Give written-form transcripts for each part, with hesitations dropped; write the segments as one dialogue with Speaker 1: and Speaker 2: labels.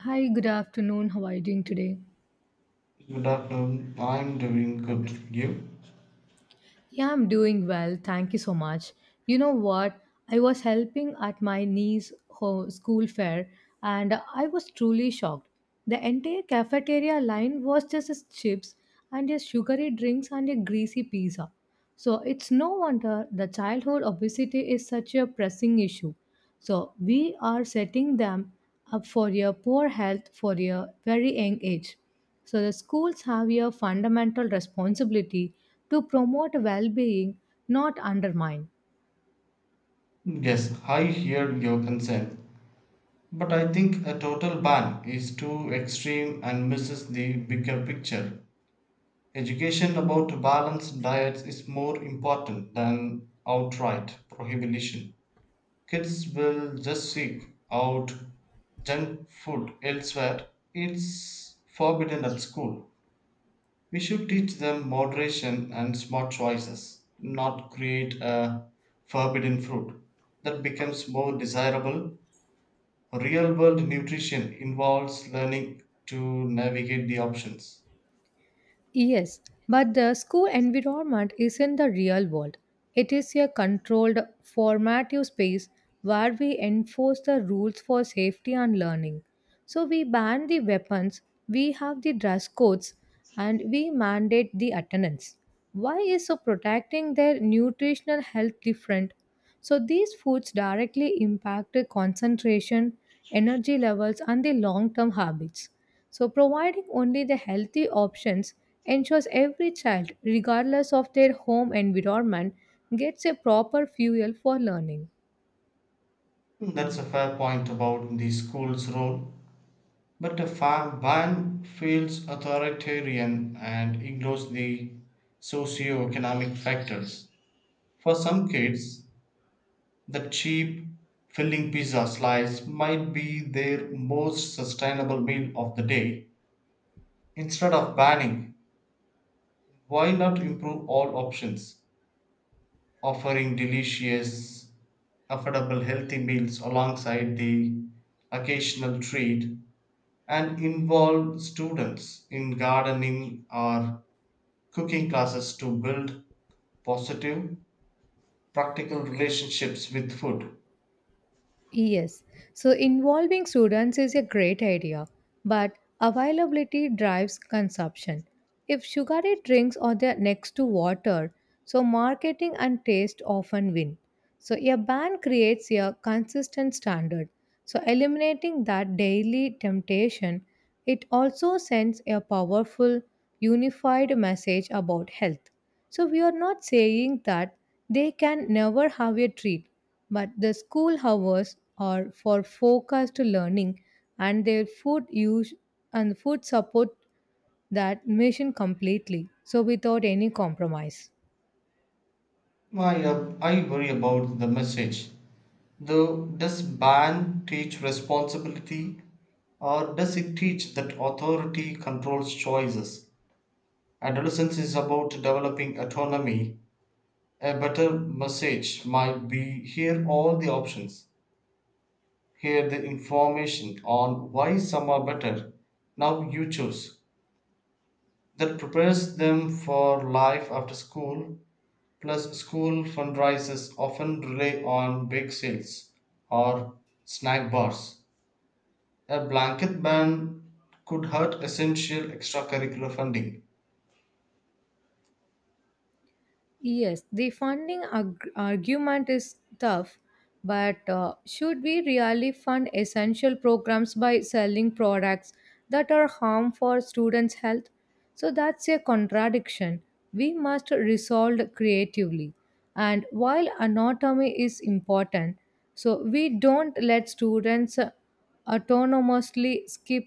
Speaker 1: Hi, good afternoon. How are you doing today?
Speaker 2: Good afternoon. I'm doing good. You?
Speaker 1: Yeah, I'm doing well. Thank you so much. You know what? I was helping at my school fair and I was truly shocked. The entire cafeteria line was just as chips and a sugary drinks and a greasy pizza. So it's no wonder the childhood obesity is such a pressing issue. So we are setting them up for your poor health for a very young age. So the schools have a fundamental responsibility to promote well-being, not undermine.
Speaker 2: Yes, I hear your concern. But I think a total ban is too extreme and misses the bigger picture. Education about balanced diets is more important than outright prohibition. Kids will just seek out junk food elsewhere. It's forbidden at school. We should teach them moderation and smart choices, not create a forbidden fruit that becomes more desirable. Real world nutrition involves learning to navigate the options.
Speaker 1: Yes, but the school environment isn't the real world. It is a controlled formative space where we enforce the rules for safety and learning. So we ban the weapons, we have the dress codes, and we mandate the attendance. Why is so protecting their nutritional health different? So these foods directly impact the concentration, energy levels, and the long term habits. So providing only the healthy options ensures every child, regardless of their home environment, gets a proper fuel for learning.
Speaker 2: That's a fair point about the school's role, but a farm ban feels authoritarian and ignores the socio-economic factors. For some kids, the cheap filling pizza slice might be their most sustainable meal of the day. Instead of banning, why not improve all options, offering delicious, affordable, healthy meals alongside the occasional treat, and involve students in gardening or cooking classes to build positive, practical relationships with food?
Speaker 1: Yes, so involving students is a great idea, but availability drives consumption. If sugary drinks are there next to water, so marketing and taste often win. So a ban creates a consistent standard. So eliminating that daily temptation it also sends a powerful, unified message about health. So, we are not saying that they can never have a treat, but the school hours are for focused learning and their food use and food support that mission completely, so without any compromise.
Speaker 2: I, I worry about the message. Though, does ban teach responsibility, or does it teach that authority controls choices? Adolescence is about developing autonomy. A better message might be: hear all the options, hear the information on why some are better. Now you choose. That prepares them for life after school. Plus, school fundraisers often rely on bake sales or snack bars. A blanket ban could hurt essential extracurricular funding.
Speaker 1: Yes, the argument is tough, but should we really fund essential programs by selling products that are harmful for students' health? So that's a contradiction. We must resolve creatively. And while anatomy is important, so we don't let students autonomously skip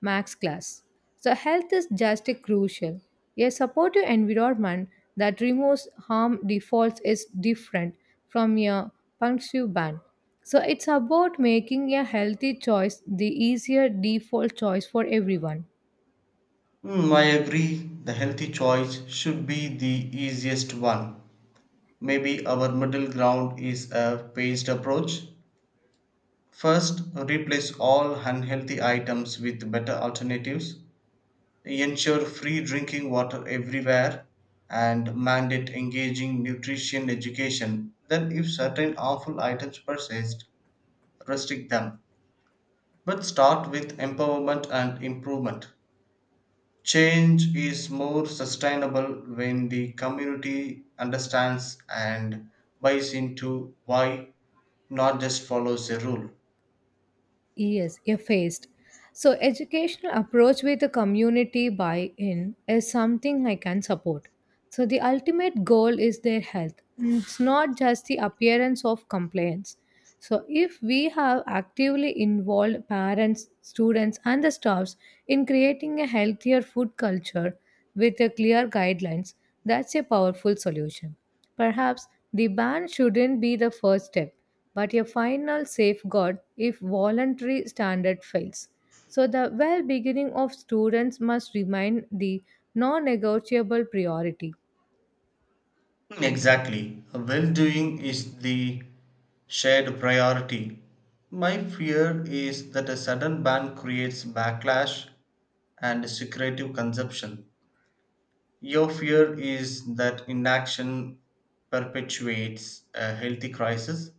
Speaker 1: max class. So, health is just a crucial. A supportive environment that removes harm defaults is different from a punctive ban. So, it's about making a healthy choice the easier default choice for everyone.
Speaker 2: Mm, I agree, the healthy choice should be the easiest one. Maybe our middle ground is a phased approach. First, replace all unhealthy items with better alternatives, ensure free drinking water everywhere, and mandate engaging nutrition education. Then, if certain harmful items persist, restrict them. But start with empowerment and improvement. Change is more sustainable when the community understands and buys into why, not just follows a rule.
Speaker 1: Yes, effaced. So educational approach with the community buy-in is something I can support. So the ultimate goal is their health. It's not just the appearance of compliance. So if we have actively involved parents, students and the staffs in creating a healthier food culture with a clear guidelines, that's a powerful solution. Perhaps the ban shouldn't be the first step, but a final safeguard if voluntary standard fails. So the well beginning of students must remain the non negotiable priority.
Speaker 2: Exactly. Well doing is the shared priority. My fear is that a sudden ban creates backlash and secretive consumption. Your fear is that inaction perpetuates a healthy crisis.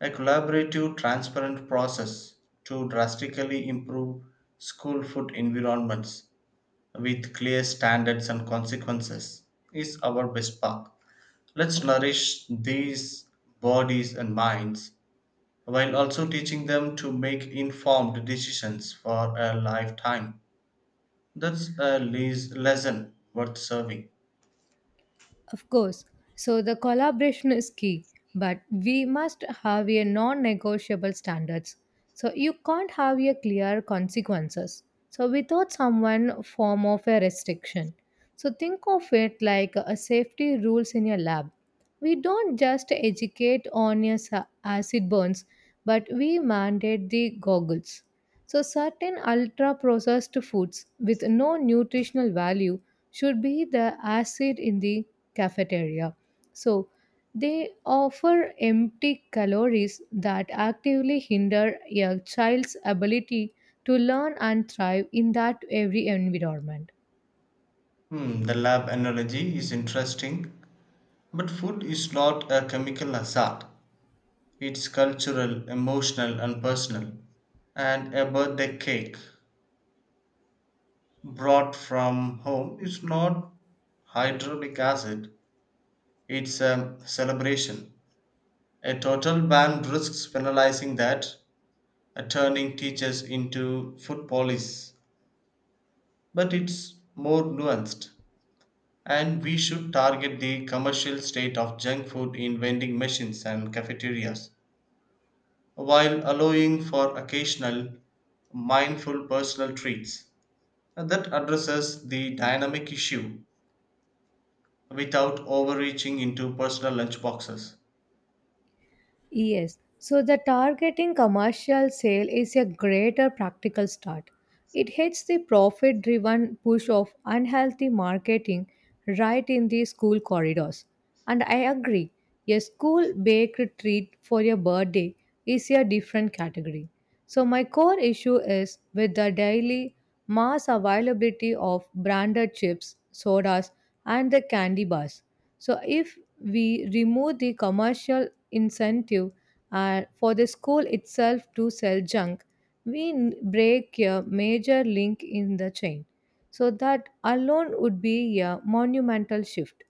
Speaker 2: A collaborative, transparent process to drastically improve school food environments with clear standards and consequences is our best path. Let's nourish these bodies and minds while also teaching them to make informed decisions for a lifetime. That's a lesson worth serving.
Speaker 1: Of course. So the collaboration is key, but we must have a non-negotiable standards. So you can't have a clear consequences. So without someone form of a restriction. So think of it like a safety rules in your lab. We don't just educate on acid burns, but we mandate the goggles. So, certain ultra processed foods with no nutritional value should be the acid in the cafeteria. So, they offer empty calories that actively hinder a child's ability to learn and thrive in that every environment.
Speaker 2: The lab analogy is interesting, but food is not a chemical hazard. It's cultural, emotional, and personal. And a birthday cake brought from home is not hydronic acid, it's a celebration. A total ban risks penalizing that, turning teachers into food police. But it's more nuanced. And we should target the commercial state of junk food in vending machines and cafeterias, while allowing for occasional mindful personal treats that addresses the dynamic issue without overreaching into personal lunch boxes.
Speaker 1: Yes, so the targeting commercial sale is a greater practical start. It hits the profit driven push of unhealthy marketing right in the school corridors. And I agree, a school baked treat for your birthday is a different category. So, my core issue is with the daily mass availability of branded chips, sodas, and the candy bars. So, if we remove the commercial incentive for the school itself to sell junk, we break a major link in the chain. So that alone would be a monumental shift.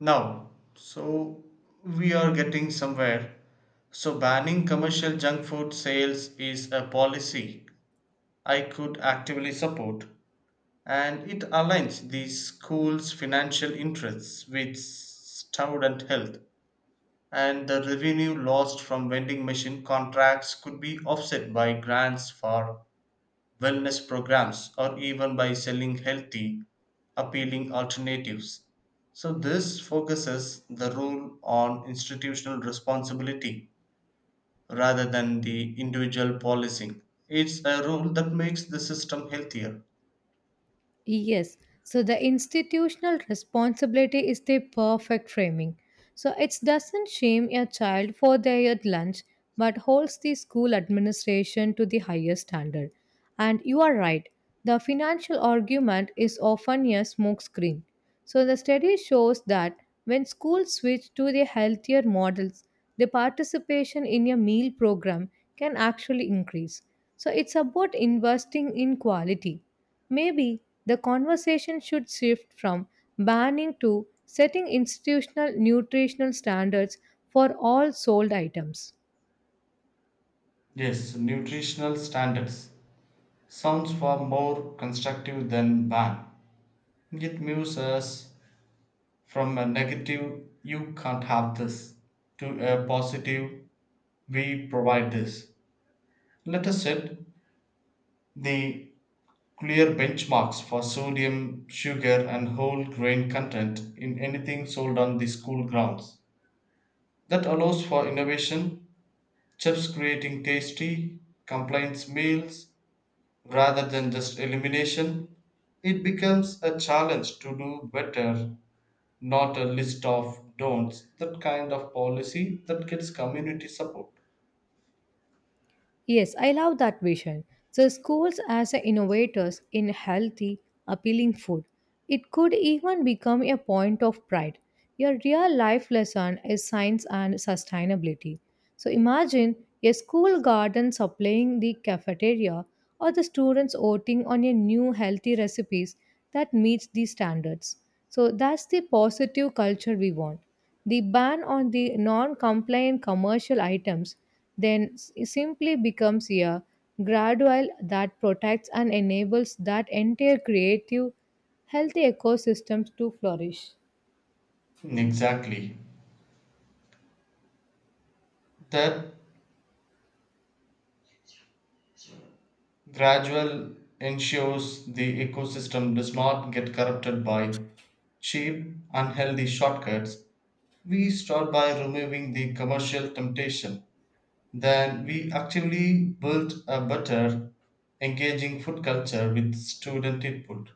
Speaker 2: Now, so we are getting somewhere. So banning commercial junk food sales is a policy I could actively support, and it aligns the school's financial interests with student health, and the revenue lost from vending machine contracts could be offset by grants for wellness programs, or even by selling healthy, appealing alternatives. So this focuses the rule on institutional responsibility rather than the individual policing. It's a rule that makes the system healthier.
Speaker 1: Yes. So the institutional responsibility is the perfect framing. So it doesn't shame a child for their lunch but holds the school administration to the highest standard. And you are right. The financial argument is often a smokescreen. So the study shows that when schools switch to the healthier models, the participation in a meal program can actually increase. So it's about investing in quality. Maybe the conversation should shift from banning to setting institutional nutritional standards for all sold items.
Speaker 2: Yes, nutritional standards sounds far more constructive than ban. It moves us from a negative, you can't have this, to a positive, we provide this. Let us set the clear benchmarks for sodium, sugar, and whole grain content in anything sold on the school grounds. That allows for innovation, chefs creating tasty, compliance meals, rather than just elimination. It becomes a challenge to do better, not a list of don'ts. That kind of policy that gets community support.
Speaker 1: Yes, I love that vision. The schools as the innovators in healthy, appealing food. It could even become a point of pride. Your real life lesson is science and sustainability. So imagine a school garden supplying the cafeteria or the students voting on a new healthy recipes that meets the standards. So that's the positive culture we want. The ban on the non compliant commercial items then simply becomes a gradual that protects and enables that entire creative, healthy ecosystems to flourish.
Speaker 2: Exactly. That gradual ensures the ecosystem does not get corrupted by cheap, unhealthy shortcuts. We start by removing the commercial temptation. Then we actively build a better, engaging food culture with student input.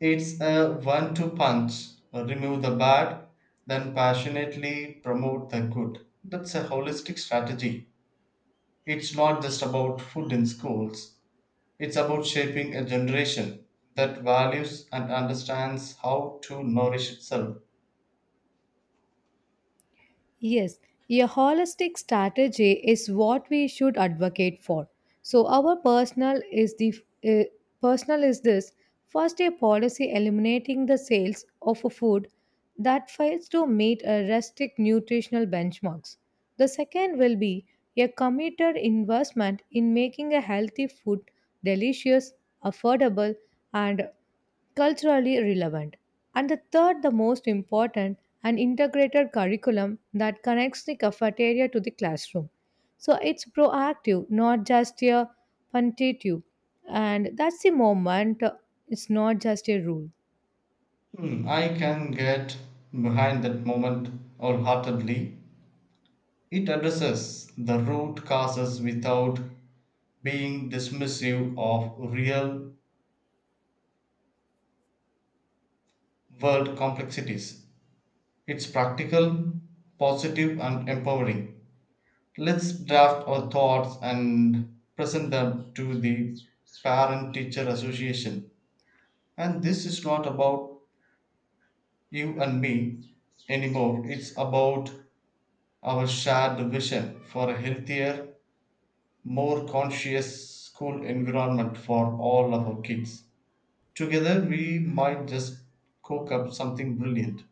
Speaker 2: It's a one-two punch. Remove the bad, then passionately promote the good. That's a holistic strategy. It's not just about food in schools, it's about shaping a generation that values and understands how to nourish itself.
Speaker 1: Yes, a holistic strategy is what we should advocate for. So our personal is the uh, personal is this first a policy eliminating the sales of a food that fails to meet a restrict nutritional benchmarks. The second will be a committed investment in making a healthy food delicious, affordable, and culturally relevant. And the third, the most important, an integrated curriculum that connects the cafeteria to the classroom. So it's proactive, not just a punitive. And that's the moment, it's not just a rule.
Speaker 2: I can get behind that moment wholeheartedly. It addresses the root causes without being dismissive of real world complexities. It's practical, positive, and empowering. Let's draft our thoughts and present them to the Parent Teacher Association. And this is not about you and me anymore, it's about our shared vision for a healthier, more conscious school environment for all of our kids. Together, we might just cook up something brilliant.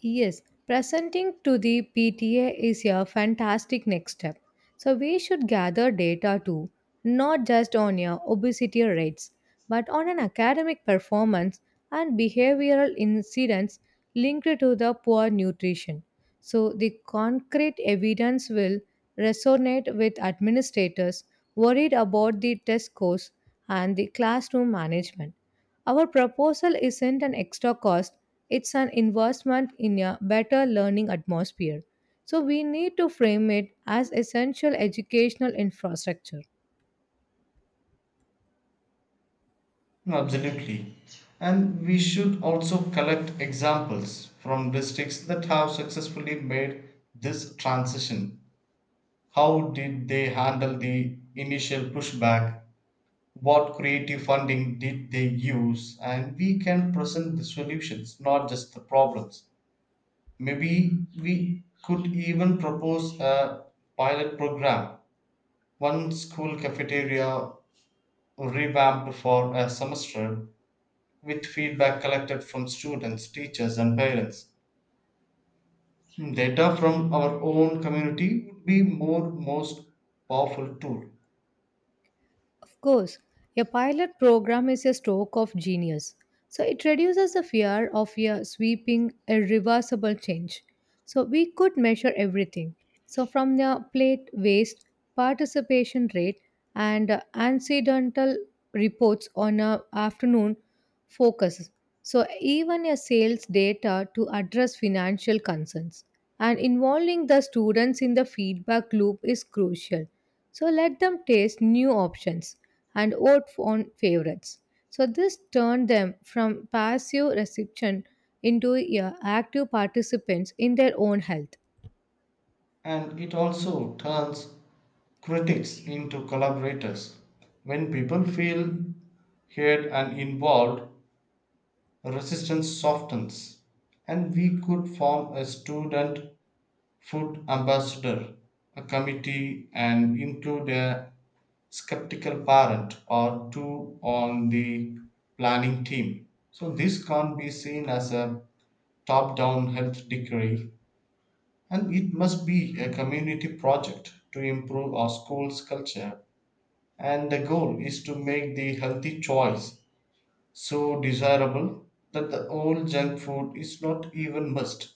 Speaker 1: Yes, presenting to the PTA is a fantastic next step. So we should gather data too, not just on your obesity rates, but on an academic performance and behavioral incidents linked to the poor nutrition. So the concrete evidence will resonate with administrators worried about the test scores and the classroom management. Our proposal isn't an extra cost, it's an investment in a better learning atmosphere. So we need to frame it as essential educational infrastructure.
Speaker 2: No, absolutely. And we should also collect examples from districts that have successfully made this transition. How did they handle the initial pushback? What creative funding did they use? And we can present the solutions, not just the problems. Maybe we could even propose a pilot program, one school cafeteria revamped for a semester with feedback collected from students, teachers, and parents. Data from our own community would be more most powerful tool,
Speaker 1: Of course, a pilot program is a stroke of genius. So it reduces the fear of a sweeping, irreversible change. So we could measure everything. So from the plate waste, participation rate, and incidental reports on a afternoon focus. So, even a sales data to address financial concerns and involving the students in the feedback loop is crucial. So, let them taste new options and vote on favorites. So, this turned them from passive reception into active participants in their own health.
Speaker 2: and it also turns critics into collaborators. When people feel heard and involved, resistance softens, and we could form a student food ambassador, a committee, and include a skeptical parent or two on the planning team. So this can't be seen as a top down health decree, and it must be a community project to improve our school's culture. And the goal is to make the healthy choice so desirable that the old junk food is not even must.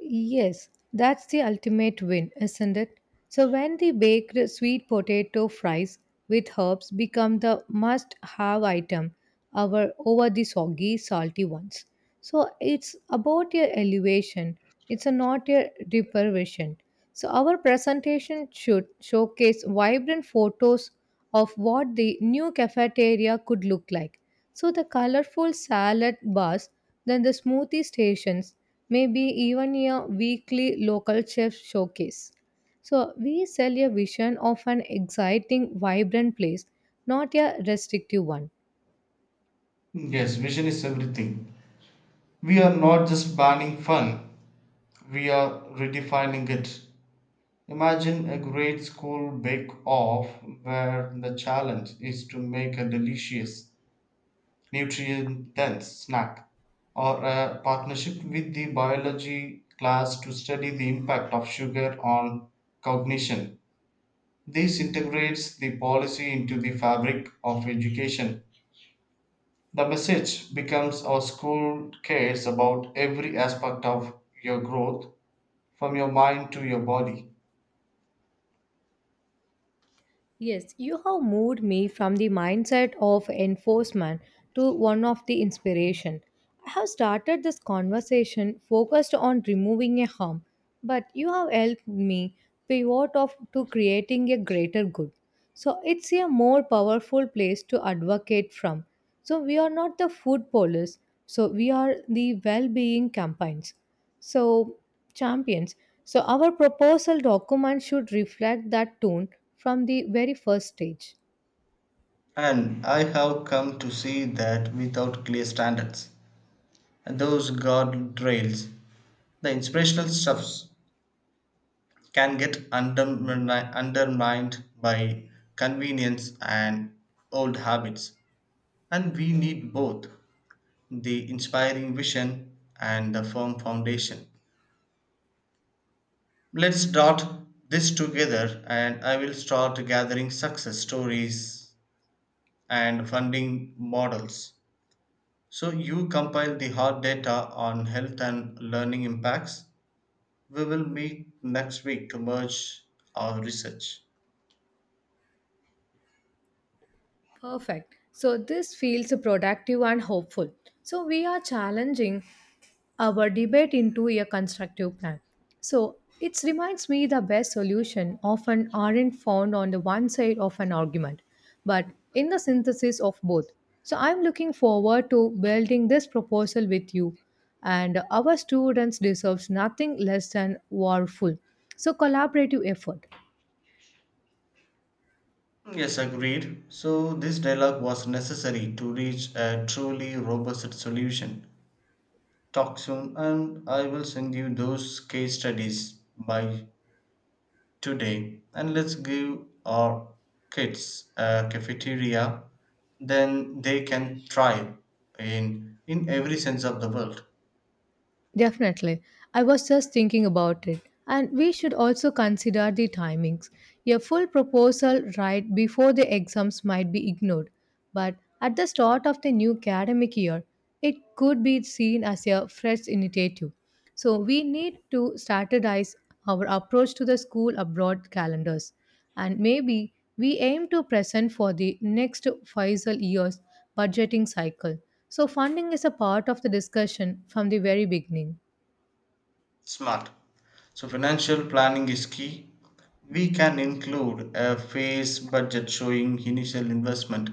Speaker 1: Yes, that's the ultimate win, isn't it? So when the baked sweet potato fries with herbs become the must-have item, our over the soggy, salty ones. So it's about your elevation, it's a not your deprivation. So our presentation should showcase vibrant photos of what the new cafeteria could look like. So the colorful salad bars, then the smoothie stations, maybe even a weekly local chef showcase. So we sell a vision of an exciting, vibrant place, not a restrictive one.
Speaker 2: Yes, vision is everything. We are not just banning fun, we are redefining it. Imagine a great school bake off where the challenge is to make a delicious, nutrient dense snack, or a partnership with the biology class to study the impact of sugar on cognition. This integrates the policy into the fabric of education. The message becomes: our school cares about every aspect of your growth, from your mind to your body.
Speaker 1: Yes, you have moved me from the mindset of enforcement to one of the inspiration. I have started this conversation focused on removing a harm, but you have helped me pivot off to creating a greater good. So it's a more powerful place to advocate from. So we are not the food police, so we are the well-being campaigns. So, champions. So, our proposal document should reflect that tone from the very first stage.
Speaker 2: And I have come to see that without clear standards, those guardrails, the inspirational stuffs can get undermined by convenience and old habits. And we need both the inspiring vision and the firm foundation. Let's dot this together, and I will start gathering success stories and funding models. So you compile the hard data on health and learning impacts. We will meet next week to merge our research.
Speaker 1: Perfect. So this feels productive and hopeful. So we are challenging our debate into a constructive plan. So it reminds me the best solution often aren't found on the one side of an argument, but in the synthesis of both. So I'm looking forward to building this proposal with you, and our students deserves nothing less than warful. So collaborative effort.
Speaker 2: Yes, agreed. So this dialogue was necessary to reach a truly robust solution. Talk soon, and I will send you those case studies by today. And let's give our kids a cafeteria. Then they can thrive in every sense of the world.
Speaker 1: Definitely. I was just thinking about it. And we should also consider the timings. A full proposal right before the exams might be ignored, but at the start of the new academic year, it could be seen as a fresh initiative. So we need to standardize our approach to the school abroad calendars. And maybe we aim to present for the next Faisal years budgeting cycle. So funding is a part of the discussion from the very beginning.
Speaker 2: Smart. So financial planning is key. We can include a phase budget showing initial investment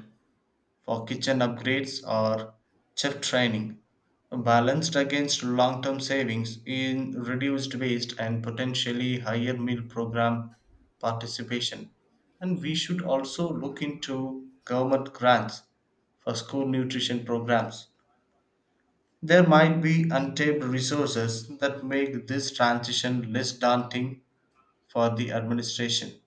Speaker 2: for kitchen upgrades or chef training, balanced against long term savings in reduced waste and potentially higher meal program participation. And we should also look into government grants for school nutrition programs. There might be untapped resources that make this transition less daunting for the administration.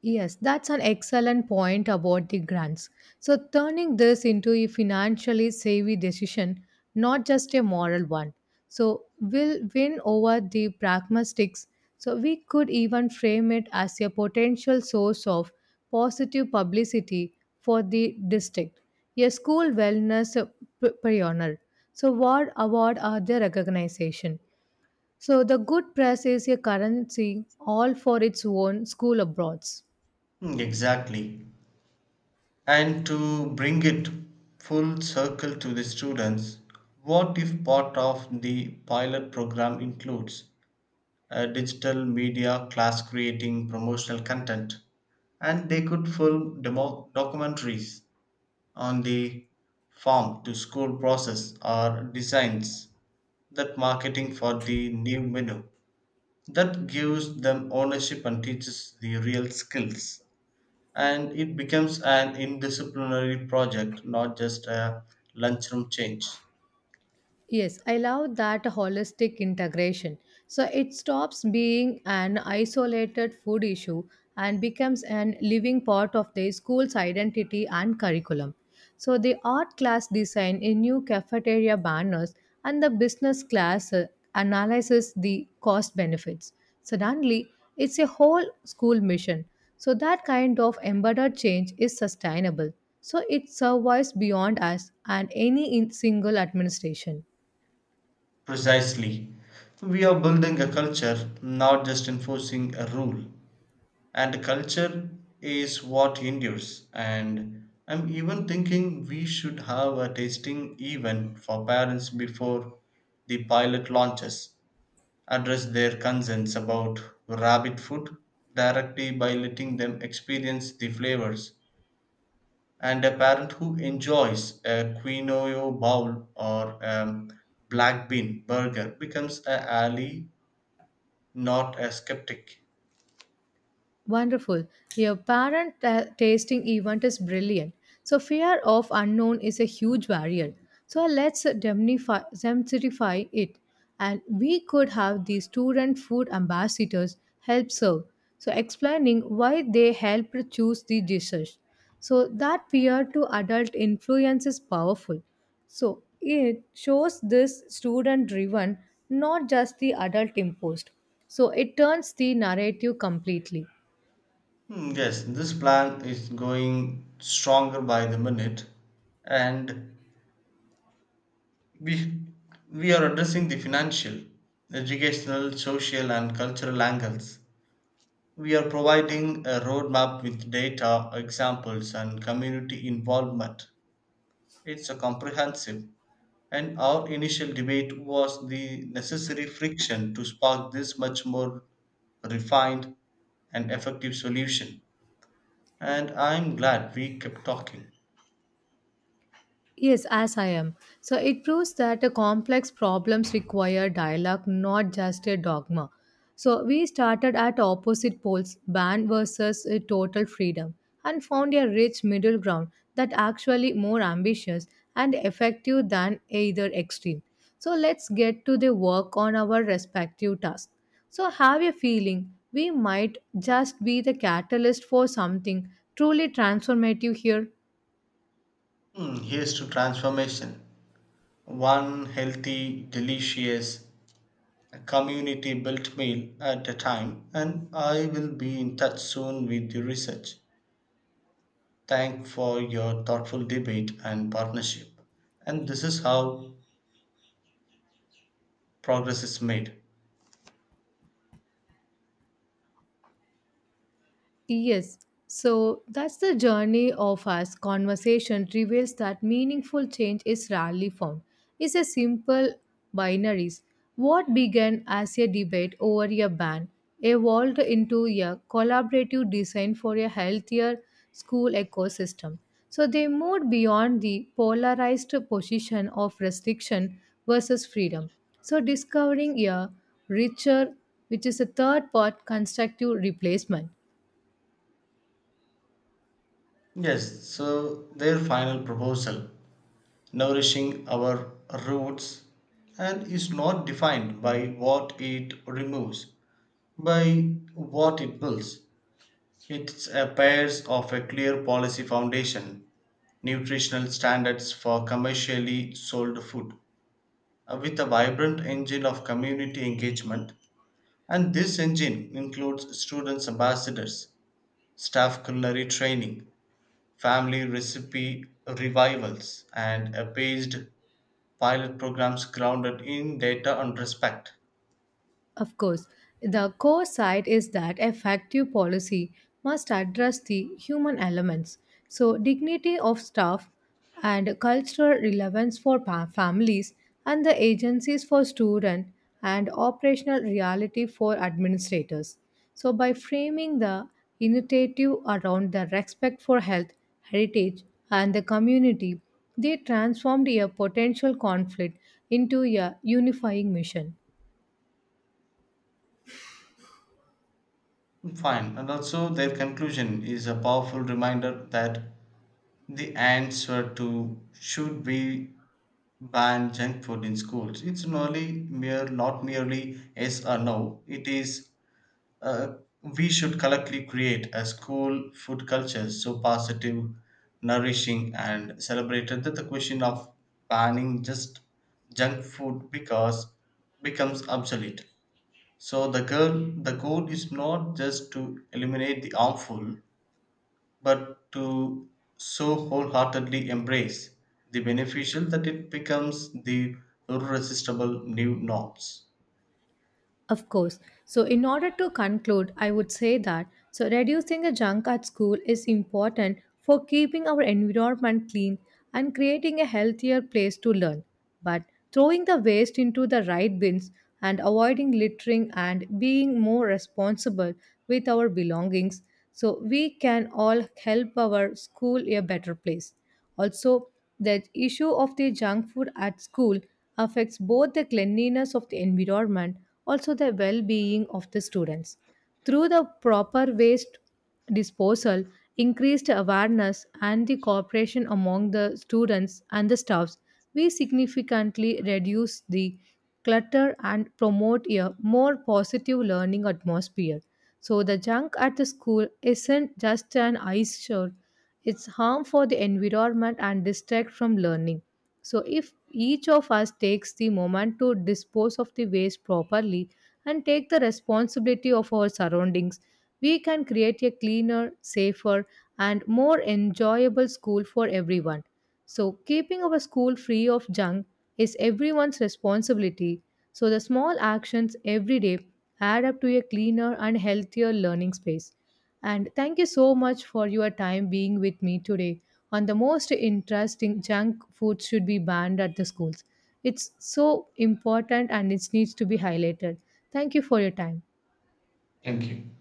Speaker 1: Yes, that's an excellent point about the grants. So, turning this into a financially savvy decision, not just a moral one, so will win over the pragmatics. So, we could even frame it as a potential source of positive publicity for the district, a school wellness pioneer. So, what award are their recognition? So, the good press is a currency all for its own school abroads.
Speaker 2: Mm, exactly. And to bring it full circle to the students, what if part of the pilot program includes a digital media class creating promotional content? And they could film documentaries on the farm to school process, or designs that marketing for the new menu. That gives them ownership and teaches the real skills, and it becomes an indisciplinary project, not just a lunchroom change.
Speaker 1: Yes, I love that holistic integration. So it stops being an isolated food issue and becomes an living part of the school's identity and curriculum. So the art class design a new cafeteria banners and the business class analyzes the cost benefits. Suddenly, it's a whole school mission. So that kind of embedded change is sustainable. So it survives beyond us and any single administration.
Speaker 2: Precisely, we are building a culture, not just enforcing a rule. And culture is what endures. And I'm even thinking we should have a tasting event for parents before the pilot launches, address their concerns about rabbit food directly by letting them experience the flavors. And a parent who enjoys a quinoa bowl or a black bean burger becomes a ally, not a skeptic.
Speaker 1: Wonderful. Your tasting event is brilliant. So fear of unknown is a huge barrier. So let's demystify it. And we could have the student food ambassadors help serve. So explaining why they helped choose the dishes. So that peer to adult influence is powerful. So it shows this student driven, not just the adult imposed. So it turns the narrative completely.
Speaker 2: Hmm, yes, this plan is going stronger by the minute, and we we are addressing the financial, educational, social, and cultural angles. We are providing a roadmap with data, examples, and community involvement. It's a comprehensive, and our initial debate was the necessary friction to spark this much more refined and effective solution. And I'm glad we kept talking.
Speaker 1: Yes, as I am. So it proves that complex problems require dialogue, not just a dogma. So we started at opposite poles, ban versus total freedom, and found a rich middle ground that actually more ambitious and effective than either extreme. So let's get to the work on our respective tasks. So have a feeling we might just be the catalyst for something truly transformative here.
Speaker 2: Here's to transformation. One healthy, delicious, community built meal at a time, and I will be in touch soon with the research. Thank for your thoughtful debate and partnership. And this is how progress is made.
Speaker 1: Yes. So that's the journey of us. Conversation reveals that meaningful change is rarely found. It's a simple binaries. What began as a debate over a ban evolved into a collaborative design for a healthier school ecosystem. So they moved beyond the polarized position of restriction versus freedom. So discovering a richer, which is a third part constructive replacement.
Speaker 2: Yes, so their final proposal, nourishing our roots, and is not defined by what it removes, by what it builds. It's a pairs of a clear policy foundation, nutritional standards for commercially sold food, with a vibrant engine of community engagement. And this engine includes students' ambassadors, staff culinary training, family recipe revivals, and a paged pilot programs grounded in data and respect.
Speaker 1: Of course, the core side is that effective policy must address the human elements. So, dignity of staff and cultural relevance for families and the agencies for students, and operational reality for administrators. So, by framing the initiative around the respect for health, heritage, and the community, they transformed a potential conflict into a unifying mission.
Speaker 2: Fine, and also their conclusion is a powerful reminder that the answer to should be ban junk food in schools. It's not merely yes or no. It is, Uh, we should collectively create a school food culture so positive, nourishing, and celebrated that the question of banning just junk food because becomes obsolete. So the goal is not just to eliminate the harmful, but to so wholeheartedly embrace the beneficial that it becomes the irresistible new norms.
Speaker 1: Of course. So, in order to conclude, I would say that so reducing the junk at school is important for keeping our environment clean and creating a healthier place to learn. But throwing the waste into the right bins and avoiding littering and being more responsible with our belongings so we can all help our school a better place. Also, the issue of the junk food at school affects both the cleanliness of the environment also the well-being of the students. Through the proper waste disposal, increased awareness and the cooperation among the students and the staffs, we significantly reduce the clutter and promote a more positive learning atmosphere. So the junk at the school isn't just an eyesore; it's harm for the environment and distract from learning. So if each of us takes the moment to dispose of the waste properly and take the responsibility of our surroundings, we can create a cleaner, safer and more enjoyable school for everyone. So keeping our school free of junk is everyone's responsibility. So the small actions every day add up to a cleaner and healthier learning space. And thank you so much for your time being with me today on the most interesting junk food should be banned at the schools. It's so important and it needs to be highlighted. Thank you for your time.
Speaker 2: Thank you.